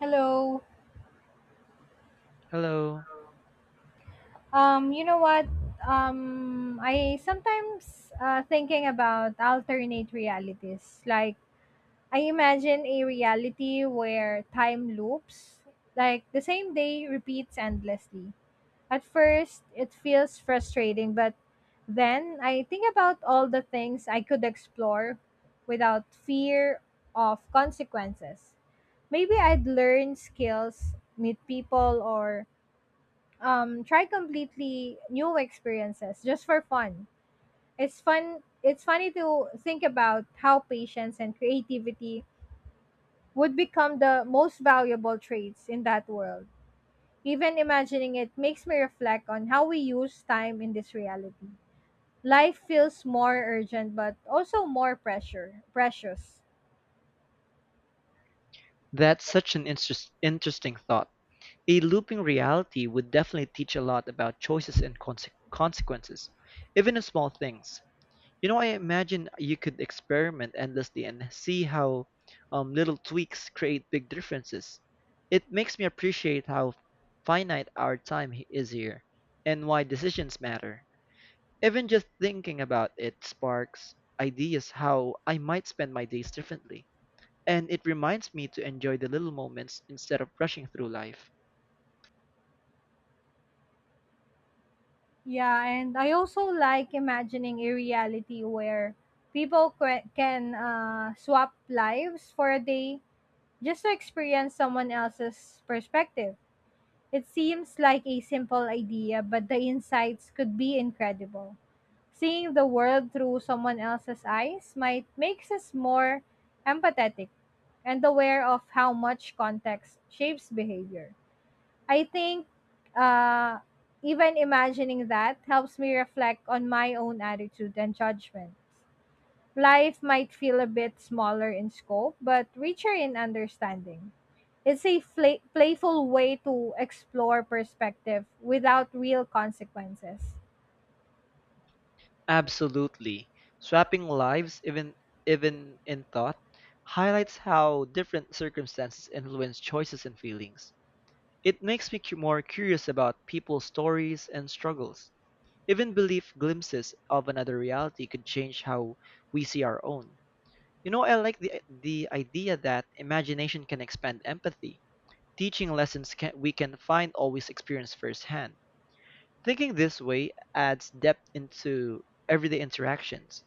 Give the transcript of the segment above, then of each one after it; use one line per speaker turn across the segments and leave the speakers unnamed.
Hello.
Hello.
You know what? I sometimes thinking about alternate realities. I imagine a reality where time loops, like the same day repeats endlessly. At first, it feels frustrating, but then I think about all the things I could explore without fear of consequences. Maybe I'd learn skills, meet people, or try completely new experiences just for fun. It's funny to think about how patience and creativity would become the most valuable traits in that world. Even imagining it makes me reflect on how we use time in this reality. Life feels more urgent but also more pressure precious.
That's such an interesting thought. A looping reality would definitely teach a lot about choices and consequences, even in small things. You know, I imagine you could experiment endlessly and see how little tweaks create big differences. It makes me appreciate how finite our is here and why decisions matter. Even just thinking about it sparks ideas how I might spend my days differently. And it reminds me to enjoy the little moments instead of rushing through life.
Yeah, and I also like imagining a reality where people can swap lives for a day just to experience someone else's perspective. It seems like a simple idea, but the insights could be incredible. Seeing the world through someone else's eyes might makes us more empathetic and aware of how much context shapes behavior. I think uh, even imagining that helps me reflect on my own attitude and judgments. Life might feel a bit smaller in scope, but richer in understanding. It's a playful way to explore perspective without real consequences.
Absolutely. Swapping lives, even in thought, highlights how different circumstances influence choices and feelings. It makes me more curious about people's stories and struggles. Even belief glimpses of another reality could change how we see our own. You know, I like the idea that imagination can expand empathy, teaching lessons can, we can find always experience firsthand. Thinking this way adds depth into everyday interactions,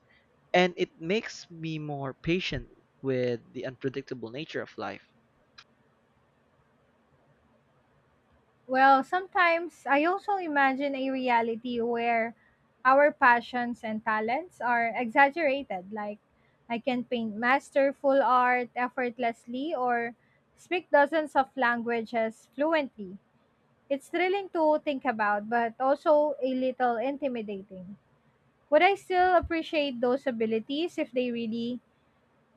and it makes me more patient with the unpredictable nature of life.
Well, sometimes I also imagine a reality where our passions and talents are exaggerated, like I can paint masterful art effortlessly or speak dozens of languages fluently. It's thrilling to think about, but also a little intimidating. Would I still appreciate those abilities if they really,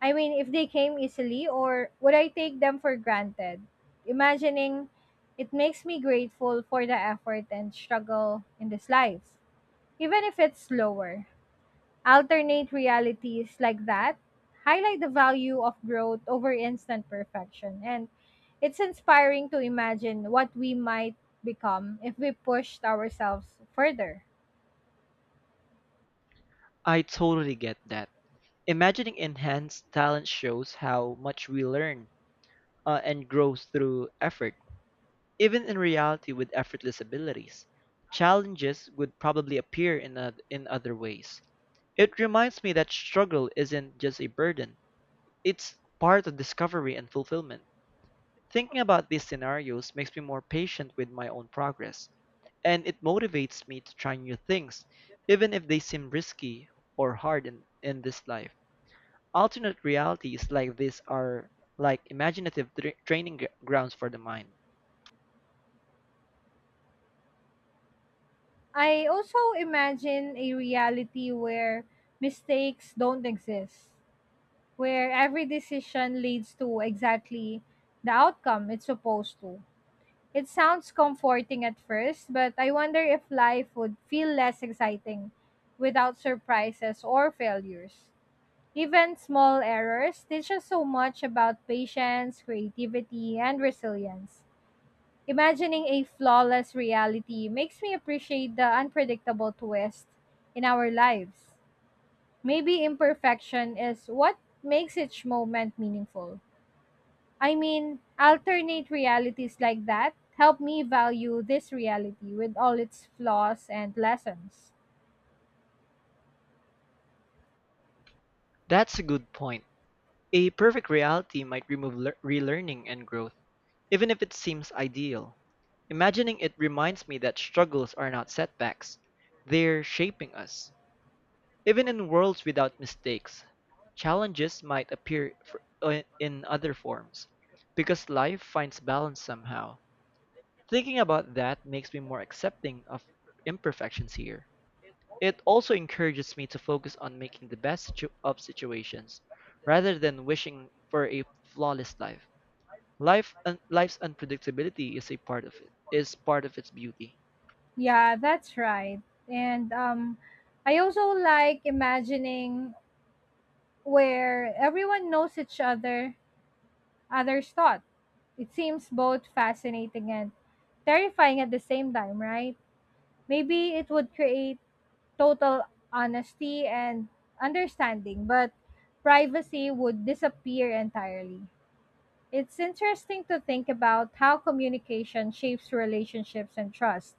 I mean, if they came easily, or would I take them for granted? Imagining it makes me grateful for the effort and struggle in this life, even if it's slower. Alternate realities like that highlight the value of growth over instant perfection. And it's inspiring to imagine what we might become if we pushed ourselves further.
I totally get that. Imagining enhanced talent shows how much we learn and grow through effort, even in reality with effortless abilities. Challenges would probably appear in other ways. It reminds me that struggle isn't just a burden, it's part of discovery and fulfillment. Thinking about these scenarios makes me more patient with my own progress, and it motivates me to try new things, even if they seem risky or hard in this life. Alternate realities like this are like imaginative training grounds for the mind.
I also imagine a reality where mistakes don't exist, where every decision leads to exactly the outcome it's supposed to. It sounds comforting at first, but I wonder if life would feel less exciting without surprises or failures. Even small errors teach us so much about patience, creativity, and resilience. Imagining a flawless reality makes me appreciate the unpredictable twist in our lives. Maybe imperfection is what makes each moment meaningful. I mean, alternate realities like that help me value this reality with all its flaws and lessons.
That's a good point. A perfect reality might remove relearning and growth, even if it seems ideal. Imagining it reminds me that struggles are not setbacks, they're shaping us. Even in worlds without mistakes, challenges might appear in other forms, because life finds balance somehow. Thinking about that makes me more accepting of imperfections here. It also encourages me to focus on making the best of situations, rather than wishing for a flawless life. Life's unpredictability is a part of it, is part of its beauty.
Yeah, that's right. And I also like imagining where everyone knows each other, others' thought. It seems both fascinating and terrifying at the same time, right? Maybe it would create total honesty and understanding, but privacy would disappear entirely. It's interesting to think about how communication shapes relationships and trust.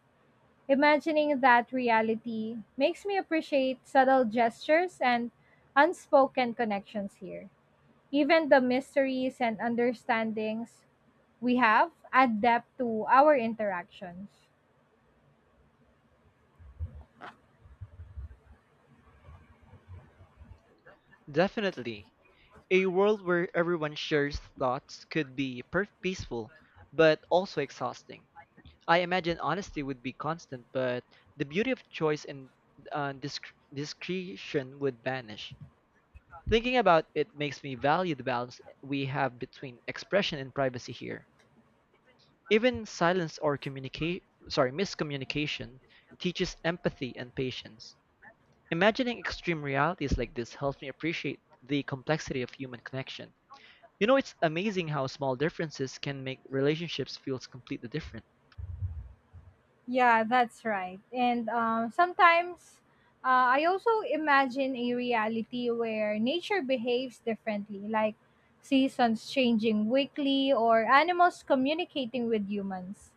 Imagining that reality makes me appreciate subtle gestures and unspoken connections here. Even the mysteries and understandings we have add depth to our interactions.
Definitely. A world where everyone shares thoughts could be peaceful, but also exhausting. I imagine honesty would be constant, but the beauty of choice and uh, disc- discretion would vanish. Thinking about it makes me value the balance we have between expression and privacy here. Even silence or miscommunication teaches empathy and patience. Imagining extreme realities like this helps me appreciate the complexity of human connection. You know, it's amazing how small differences can make relationships feel completely different.
Yeah, that's right. And sometimes, I also imagine a reality where nature behaves differently, like seasons changing weekly or animals communicating with humans.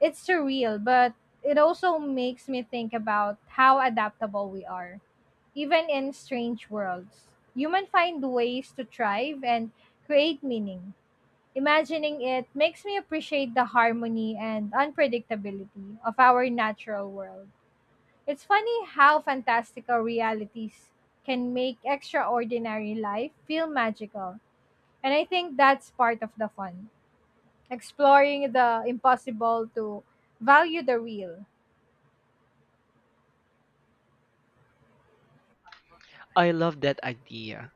It's surreal, but it also makes me think about how adaptable we are, even in strange worlds. Humans find ways to thrive and create meaning. Imagining it makes me appreciate the harmony and unpredictability of our natural world. It's funny how fantastical realities can make extraordinary life feel magical. And I think that's part of the fun. Exploring the impossible to value the real.
I love that idea.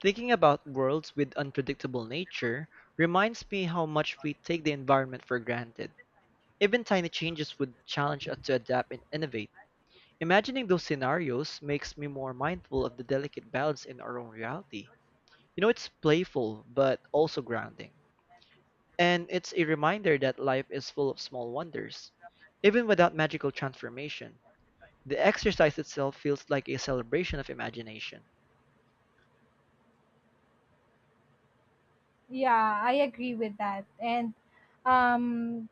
Thinking about worlds with unpredictable nature reminds me how much we take the environment for granted. Even tiny changes would challenge us to adapt and innovate. Imagining those scenarios makes me more mindful of the delicate balance in our own reality. You know, it's playful, but also grounding. And it's a reminder that life is full of small wonders, even without magical transformation. The exercise itself feels like a celebration of imagination.
Yeah, I agree with that. And um,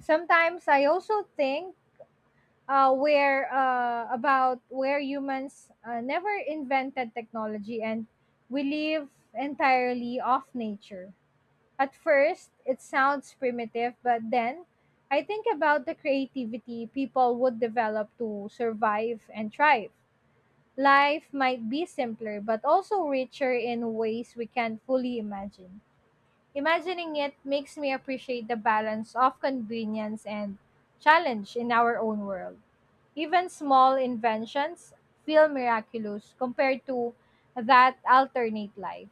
sometimes I also think where about where humans never invented technology and we live entirely off nature. At first, it sounds primitive, but then I think about the creativity people would develop to survive and thrive. Life might be simpler, but also richer in ways we can't fully imagine. Imagining it makes me appreciate the balance of convenience and challenge in our own world. Even small inventions feel miraculous compared to that alternate life.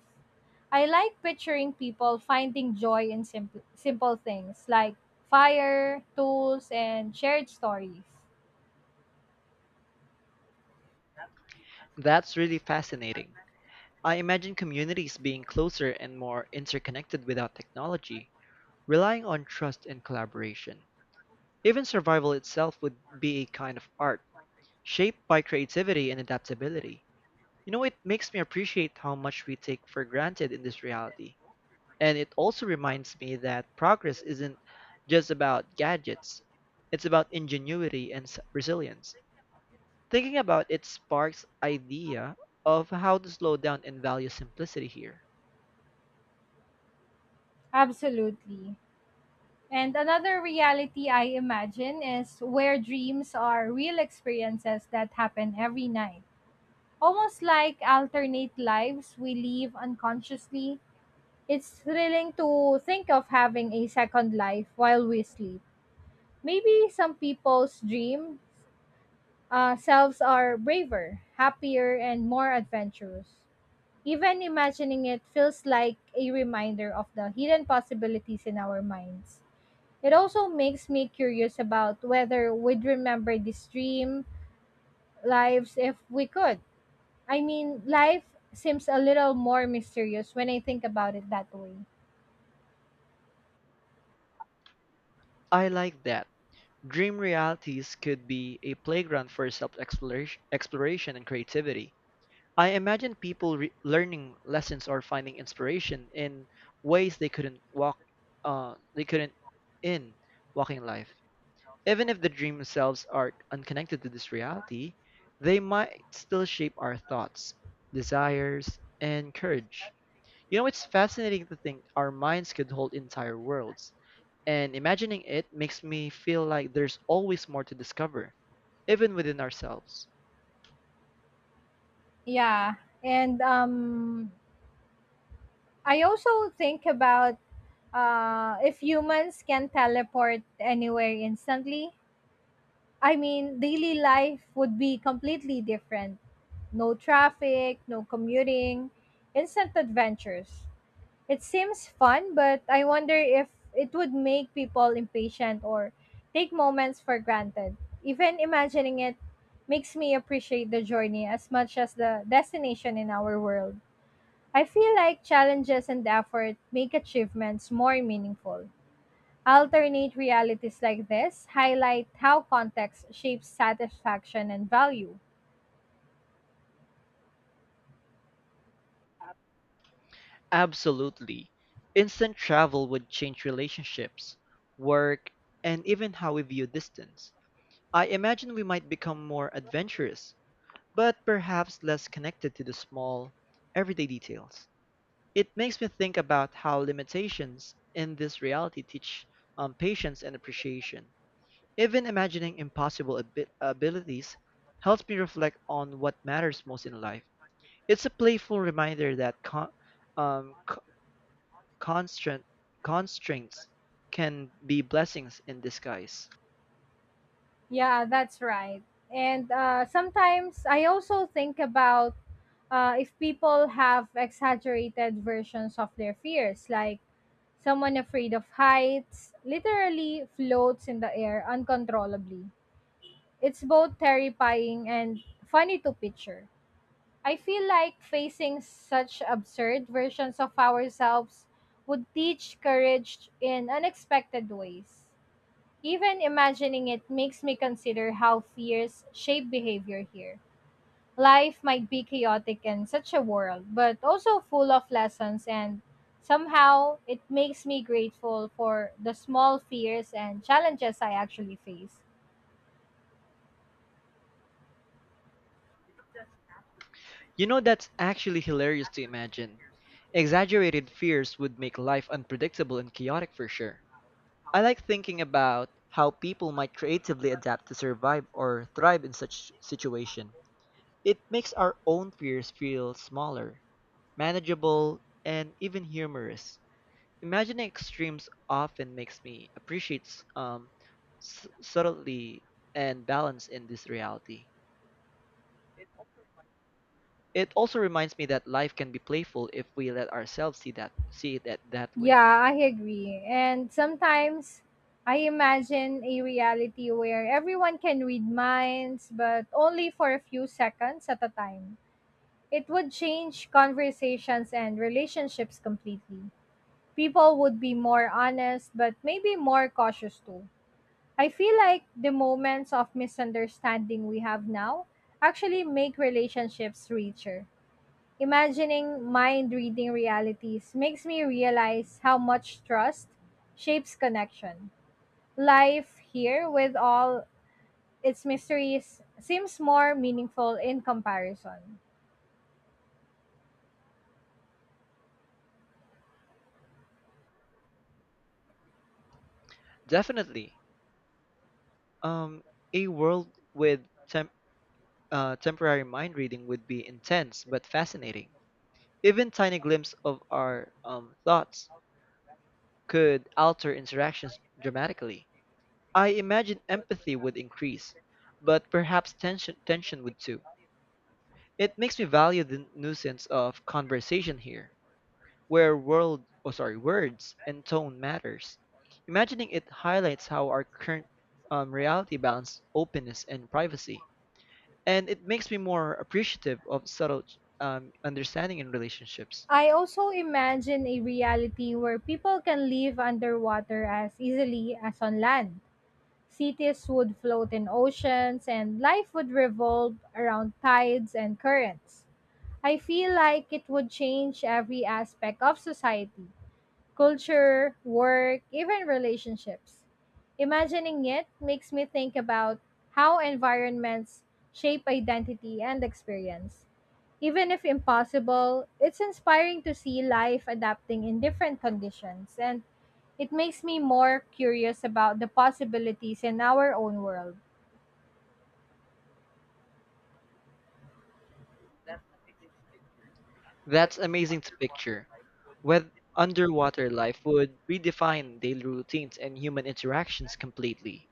I like picturing people finding joy in simple things like fire, tools, and shared stories.
That's really fascinating. I imagine communities being closer and more interconnected without technology, relying on trust and collaboration. Even survival itself would be a kind of art, shaped by creativity and adaptability. You know, it makes me appreciate how much we take for granted in this reality. And it also reminds me that progress isn't just about gadgets, it's about ingenuity and resilience. Thinking about it sparks idea of how to slow down and value simplicity here.
Absolutely. And another reality I imagine is where dreams are real experiences that happen every night. Almost like alternate lives we live unconsciously. It's thrilling to think of having a second life while we sleep. Maybe some people's dream selves are braver, happier, and more adventurous. Even imagining it feels like a reminder of the hidden possibilities in our minds. It also makes me curious about whether we'd remember this dream lives if we could. I mean, life seems a little more mysterious when I think about it that way.
I like that. Dream realities could be a playground for self-exploration exploration and creativity. I imagine people learning lessons or finding inspiration in ways they couldn't walk they couldn't in walking life. Even if the dreams themselves are unconnected to this reality, they might still shape our thoughts, desires, and courage. You know, it's fascinating to think our minds could hold entire worlds, and imagining it makes me feel like there's always more to discover, even within ourselves.
Yeah, and I also think about if humans can teleport anywhere instantly. I mean, daily life would be completely different. No traffic, no commuting, instant adventures. It seems fun, but I wonder if it would make people impatient or take moments for granted. Even imagining it makes me appreciate the journey as much as the destination in our world. I feel like challenges and effort make achievements more meaningful. Alternate realities like this highlight how context shapes satisfaction and value.
Absolutely. Instant travel would change relationships, work, and even how we view distance. I imagine we might become more adventurous, but perhaps less connected to the small, everyday details. It makes me think about how limitations in this reality teach patience and appreciation. Even imagining impossible abilities helps me reflect on what matters most in life. It's a playful reminder that um, co- constraint- constraints can be blessings in disguise.
Yeah, that's right. And sometimes I also think about if people have exaggerated versions of their fears, like someone afraid of heights literally floats in the air uncontrollably. It's both terrifying and funny to picture. I feel like facing such absurd versions of ourselves would teach courage in unexpected ways. Even imagining it makes me consider how fears shape behavior here. Life might be chaotic in such a world, but also full of lessons, and somehow it makes me grateful for the small fears and challenges I actually face.
You know, that's actually hilarious to imagine. Exaggerated fears would make life unpredictable and chaotic for sure. I like thinking about how people might creatively adapt to survive or thrive in such situation. It makes our own fears feel smaller, manageable, and even humorous. Imagining extremes often makes me appreciate um, subtlety and balance in this reality. It also reminds me that life can be playful if we let ourselves see it that way.
Yeah, I agree. And sometimes I imagine a reality where everyone can read minds, but only for a few seconds at a time. It would change conversations and relationships completely. People would be more honest, but maybe more cautious too. I feel like the moments of misunderstanding we have now actually make relationships richer. Imagining mind reading realities makes me realize how much trust shapes connection. Life here, with all its mysteries, seems more meaningful in comparison.
Definitely. Um, a world with temp, temporary mind reading would be intense but fascinating. Even tiny glimpses of our thoughts could alter interactions dramatically. I imagine empathy would increase, but perhaps tension would too. It makes me value the nuisance of conversation here, where world oh sorry words and tone matters. Imagining it highlights how our current reality balance openness and privacy, and it makes me more appreciative of subtle understanding in relationships.
I also imagine a reality where people can live underwater as easily as on land. Cities would float in oceans, and life would revolve around tides and currents. I feel like it would change every aspect of society culture, work, even relationships. Imagining it makes me think about how environments shape identity and experience. Even if impossible, it's inspiring to see life adapting in different conditions, and it makes me more curious about the possibilities in our own world.
That's amazing to picture whether underwater life would redefine daily routines and human interactions completely.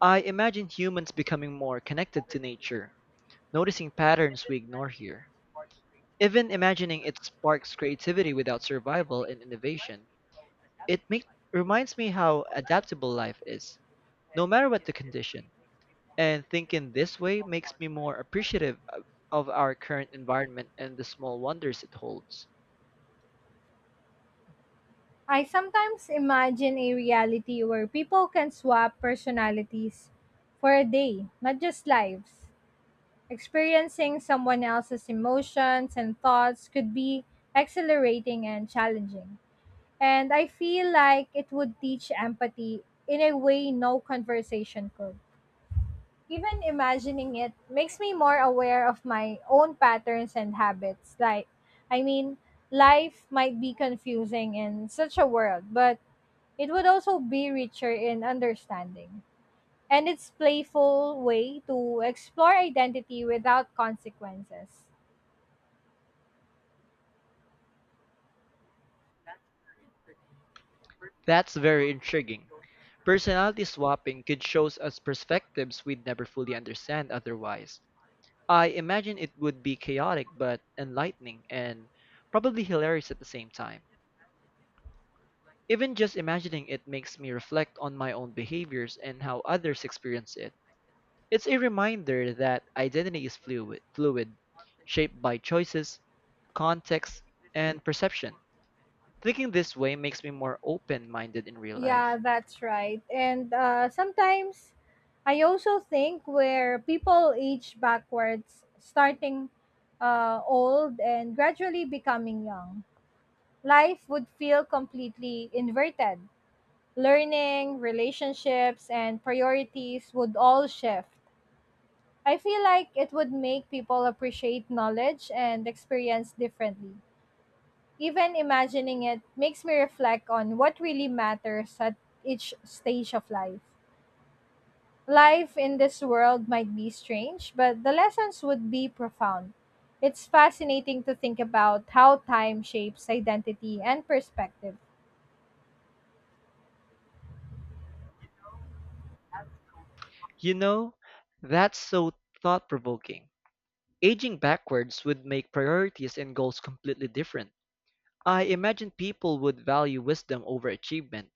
I imagine humans becoming more connected to nature, noticing patterns we ignore here. Even imagining it sparks creativity without survival and innovation. It make, reminds me how adaptable life is, no matter what the condition. And thinking this way makes me more appreciative of our current environment and the small wonders it holds.
I sometimes imagine a reality where people can swap personalities for a day, not just lives. Experiencing someone else's emotions and thoughts could be exhilarating and challenging. And I feel like it would teach empathy in a way no conversation could. Even imagining it makes me more aware of my own patterns and habits. I mean, life might be confusing in such a world, but it would also be richer in understanding. And it's playful way to explore identity without consequences.
That's very intriguing. Personality swapping could show us perspectives we'd never fully understand otherwise. I imagine it would be chaotic but enlightening and probably hilarious at the same time. Even just imagining it makes me reflect on my own behaviors and how others experience it. It's a reminder that identity is fluid, shaped by choices, context, and perception. Thinking this way makes me more open-minded in real
Yeah,
life.
that's right. And sometimes I also think where people age backwards, starting old and gradually becoming young, life would feel completely inverted. Learning, relationships, and priorities would all shift. I feel like it would make people appreciate knowledge and experience differently. Even imagining it makes me reflect on what really matters at each stage of life. Life in this world might be strange, but the lessons would be profound. It's fascinating to think about how time shapes identity and perspective.
You know, that's so thought-provoking. Aging backwards would make priorities and goals completely different. I imagine people would value wisdom over achievement,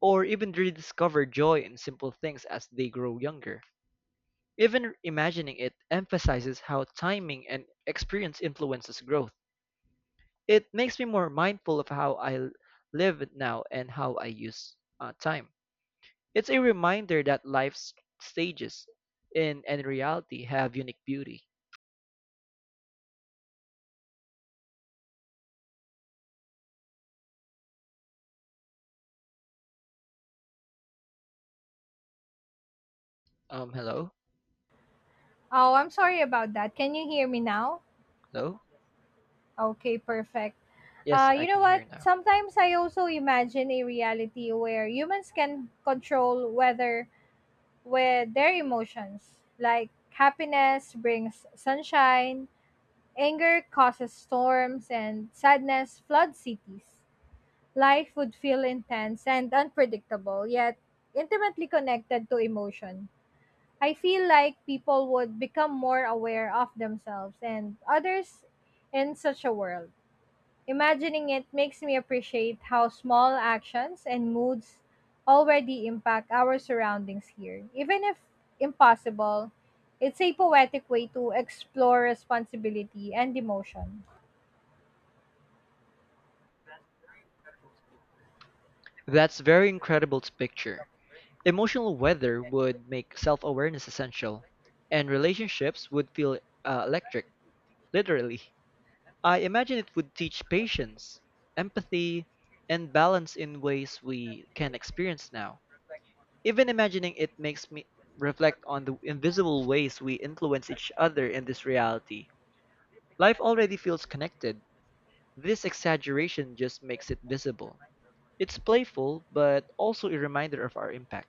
or even rediscover joy in simple things as they grow younger. Even imagining it emphasizes how timing and experience influences growth. It makes me more mindful of how live now and how I use time. It's a reminder that life's stages in and reality have unique beauty. Hello,
Oh, I'm sorry about that. Can you hear me now?
hello.
Okay, perfect.
Yes,
You
I
know
can
what?
hear now.
Sometimes I also imagine a reality where humans can control whether with their emotions, like happiness brings sunshine, anger causes storms, and sadness floods cities. Life would feel intense and unpredictable, yet intimately connected to emotion. I feel like people would become more aware of themselves and others in such a world. Imagining it makes me appreciate how small actions and moods already impact our surroundings here. Even if impossible, it's a poetic way to explore responsibility and emotion.
That's very incredible to picture. Emotional weather would make self-awareness essential, and relationships would feel electric, literally. I imagine it would teach patience, empathy, and balance in ways we can experience now. Even imagining it makes me reflect on the invisible ways we influence each other in this reality. Life already feels connected. This exaggeration just makes it visible. It's playful, but also a reminder of our impact.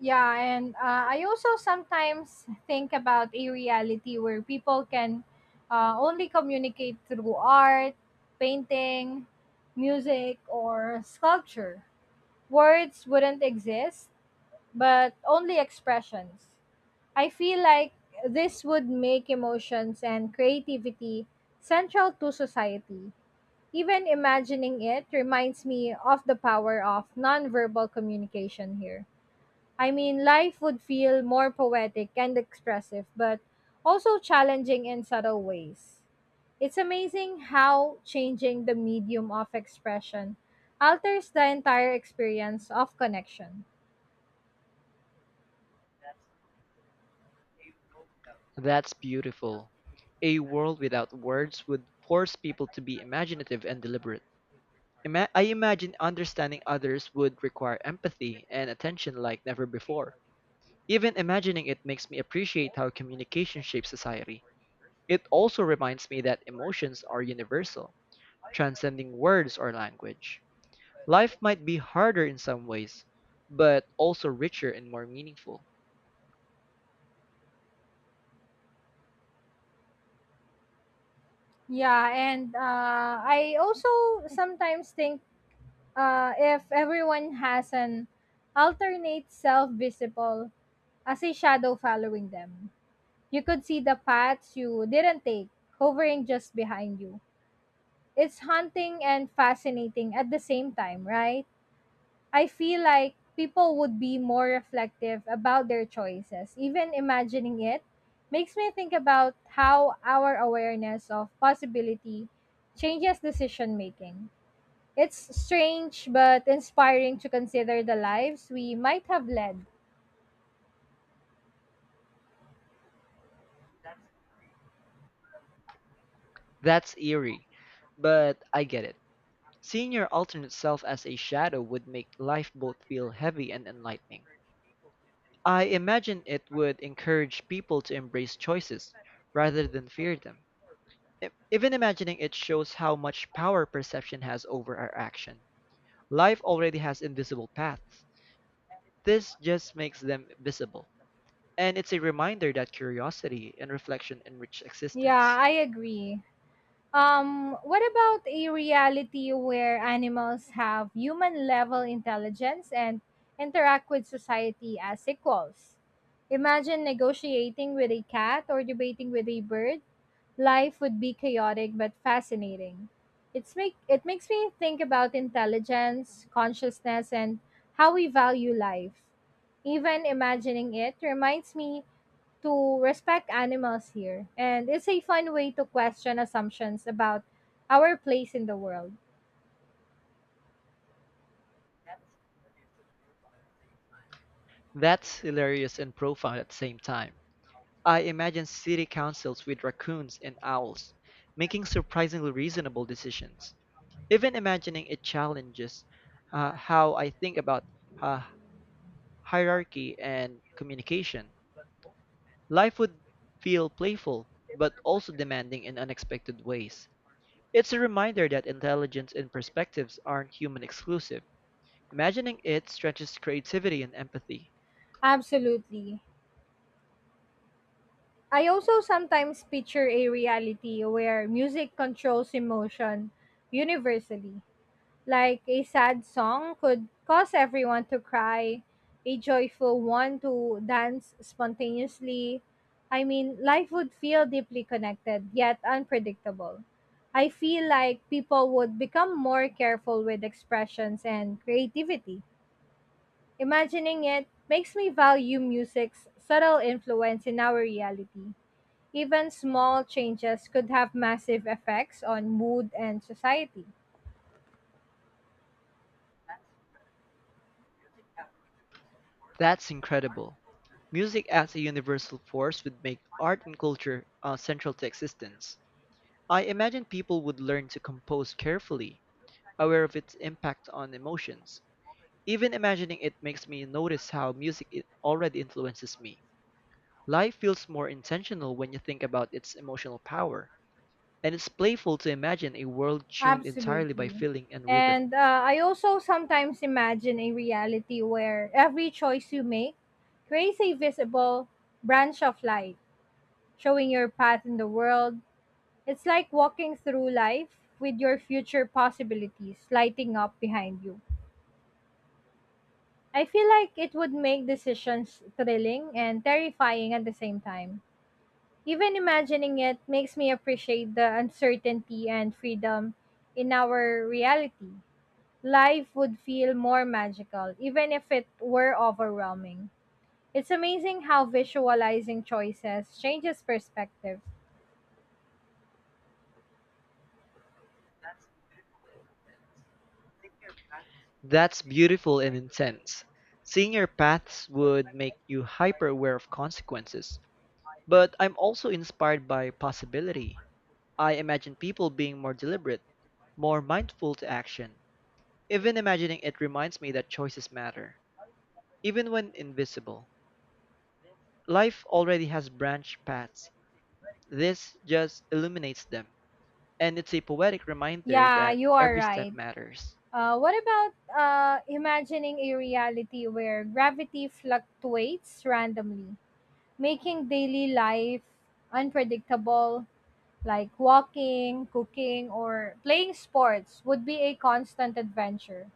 Yeah, and I also sometimes think about a reality where people can only communicate through art, painting, music, or sculpture. Words wouldn't exist, but only expressions. I feel like this would make emotions and creativity central to society. Even imagining it reminds me of the power of nonverbal communication here. I mean, life would feel more poetic and expressive, but also challenging in subtle ways. It's amazing how changing the medium of expression alters the entire experience of connection.
That's beautiful. A world without words would force people to be imaginative and deliberate. I imagine understanding others would require empathy and attention like never before. Even imagining it makes me appreciate how communication shapes society. It also reminds me that emotions are universal, transcending words or language. Life might be harder in some ways, but also richer and more meaningful.
Yeah, and I also sometimes think if everyone has an alternate self visible as a shadow following them, you could see the paths you didn't take hovering just behind you. It's haunting and fascinating at the same time, right? I feel like people would be more reflective about their choices. Even imagining it makes me think about how our awareness of possibility changes decision making. It's strange but inspiring to consider the lives we might have led.
That's eerie, but I get it. Seeing your alternate self as a shadow would make life both feel heavy and enlightening. I imagine it would encourage people to embrace choices rather than fear them. Even imagining it shows how much power perception has over our action. Life already has invisible paths. This just makes them visible. And it's a reminder that curiosity and reflection enrich
Yeah,
existence.
I agree. What about a reality where animals have human level intelligence and interact with society as equals? Imagine negotiating with a cat or debating with a bird. Life would be chaotic but fascinating. It makes me think about intelligence, consciousness, and how we value life. Even imagining it reminds me to respect animals here, and it's a fun way to question assumptions about our place in the world.
That's hilarious and profound at the same time. I imagine city councils with raccoons and owls, making surprisingly reasonable decisions. Even imagining it challenges how I think about uh, hierarchy and communication. Life would feel playful, but also demanding in unexpected ways. It's a reminder that intelligence and perspectives aren't human exclusive. Imagining it stretches creativity and empathy.
Absolutely. I also sometimes picture a reality where music controls emotion universally, like a sad song could cause everyone to cry, a joyful one to dance spontaneously. I mean, life would feel deeply connected yet unpredictable. I feel like people would become more careful with expressions and creativity. Imagining it makes me value music's subtle influence in our reality. Even small changes could have massive effects on mood and society.
That's incredible. Music as a universal force would make art and culture central to existence. I imagine people would learn to compose carefully, aware of its impact on emotions. Even imagining it makes me notice how music it already influences me. Life feels more intentional when you think about its emotional power, and it's playful to imagine a world tuned entirely by
Absolutely.
feeling and rhythm.
And I also sometimes imagine a reality where every choice you make creates a visible branch of light, showing your path in the world. It's like walking through life with your future possibilities lighting up behind you. I feel like it would make decisions thrilling and terrifying at the same time. Even imagining it makes me appreciate the uncertainty and freedom in our reality. Life would feel more magical, even if it were overwhelming. It's amazing how visualizing choices changes perspective.
That's beautiful and intense. Seeing your paths would make you hyper aware of consequences, but I'm also inspired by possibility. I imagine people being more deliberate, more mindful to action. Even imagining it reminds me that choices matter, even when invisible. Life already has branch paths. This just illuminates them. And it's a poetic reminder
Yeah,
that
you are
every step
right.
matters.
What about imagining a reality where gravity fluctuates randomly, making daily life unpredictable? Like walking, cooking, or playing sports would be a constant adventure.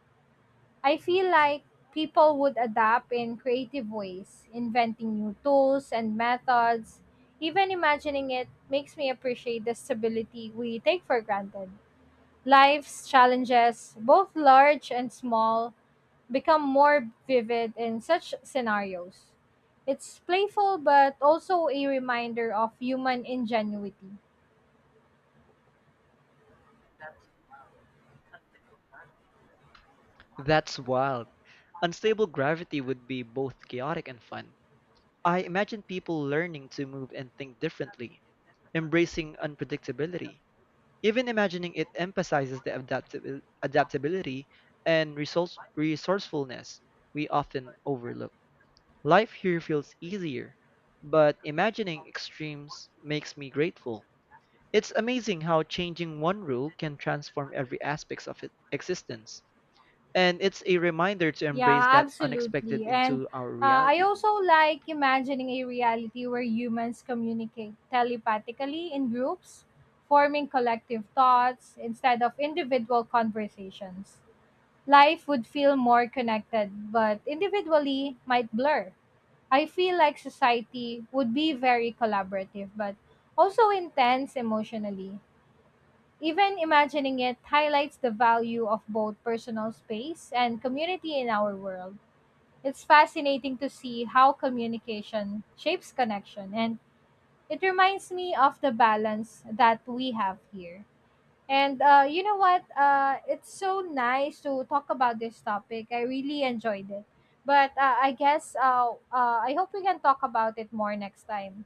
I feel like people would adapt in creative ways, inventing new tools and methods. Even imagining it makes me appreciate the stability we take for granted. Life's challenges, both large and small, become more vivid in such scenarios. It's playful but also a reminder of human ingenuity.
That's wild. Unstable gravity would be both chaotic and fun. I imagine people learning to move and think differently, embracing unpredictability. Even imagining it emphasizes the adaptability and resourcefulness we often overlook. Life here feels easier, but imagining extremes makes me grateful. It's amazing how changing one rule can transform every aspect of existence. And it's a reminder to embrace
Yeah,
that
absolutely.
unexpected
And
into our
I
reality.
also like imagining a reality where humans communicate telepathically in groups, forming collective thoughts instead of individual conversations. Life would feel more connected, but individually might blur. I feel like society would be very collaborative, but also intense emotionally. Even imagining it highlights the value of both personal space and community in our world. It's fascinating to see how communication shapes connection, and it reminds me of the balance that we have here. And you know what? It's so nice to talk about this topic. I really enjoyed it. But I guess I hope we can talk about it more next time.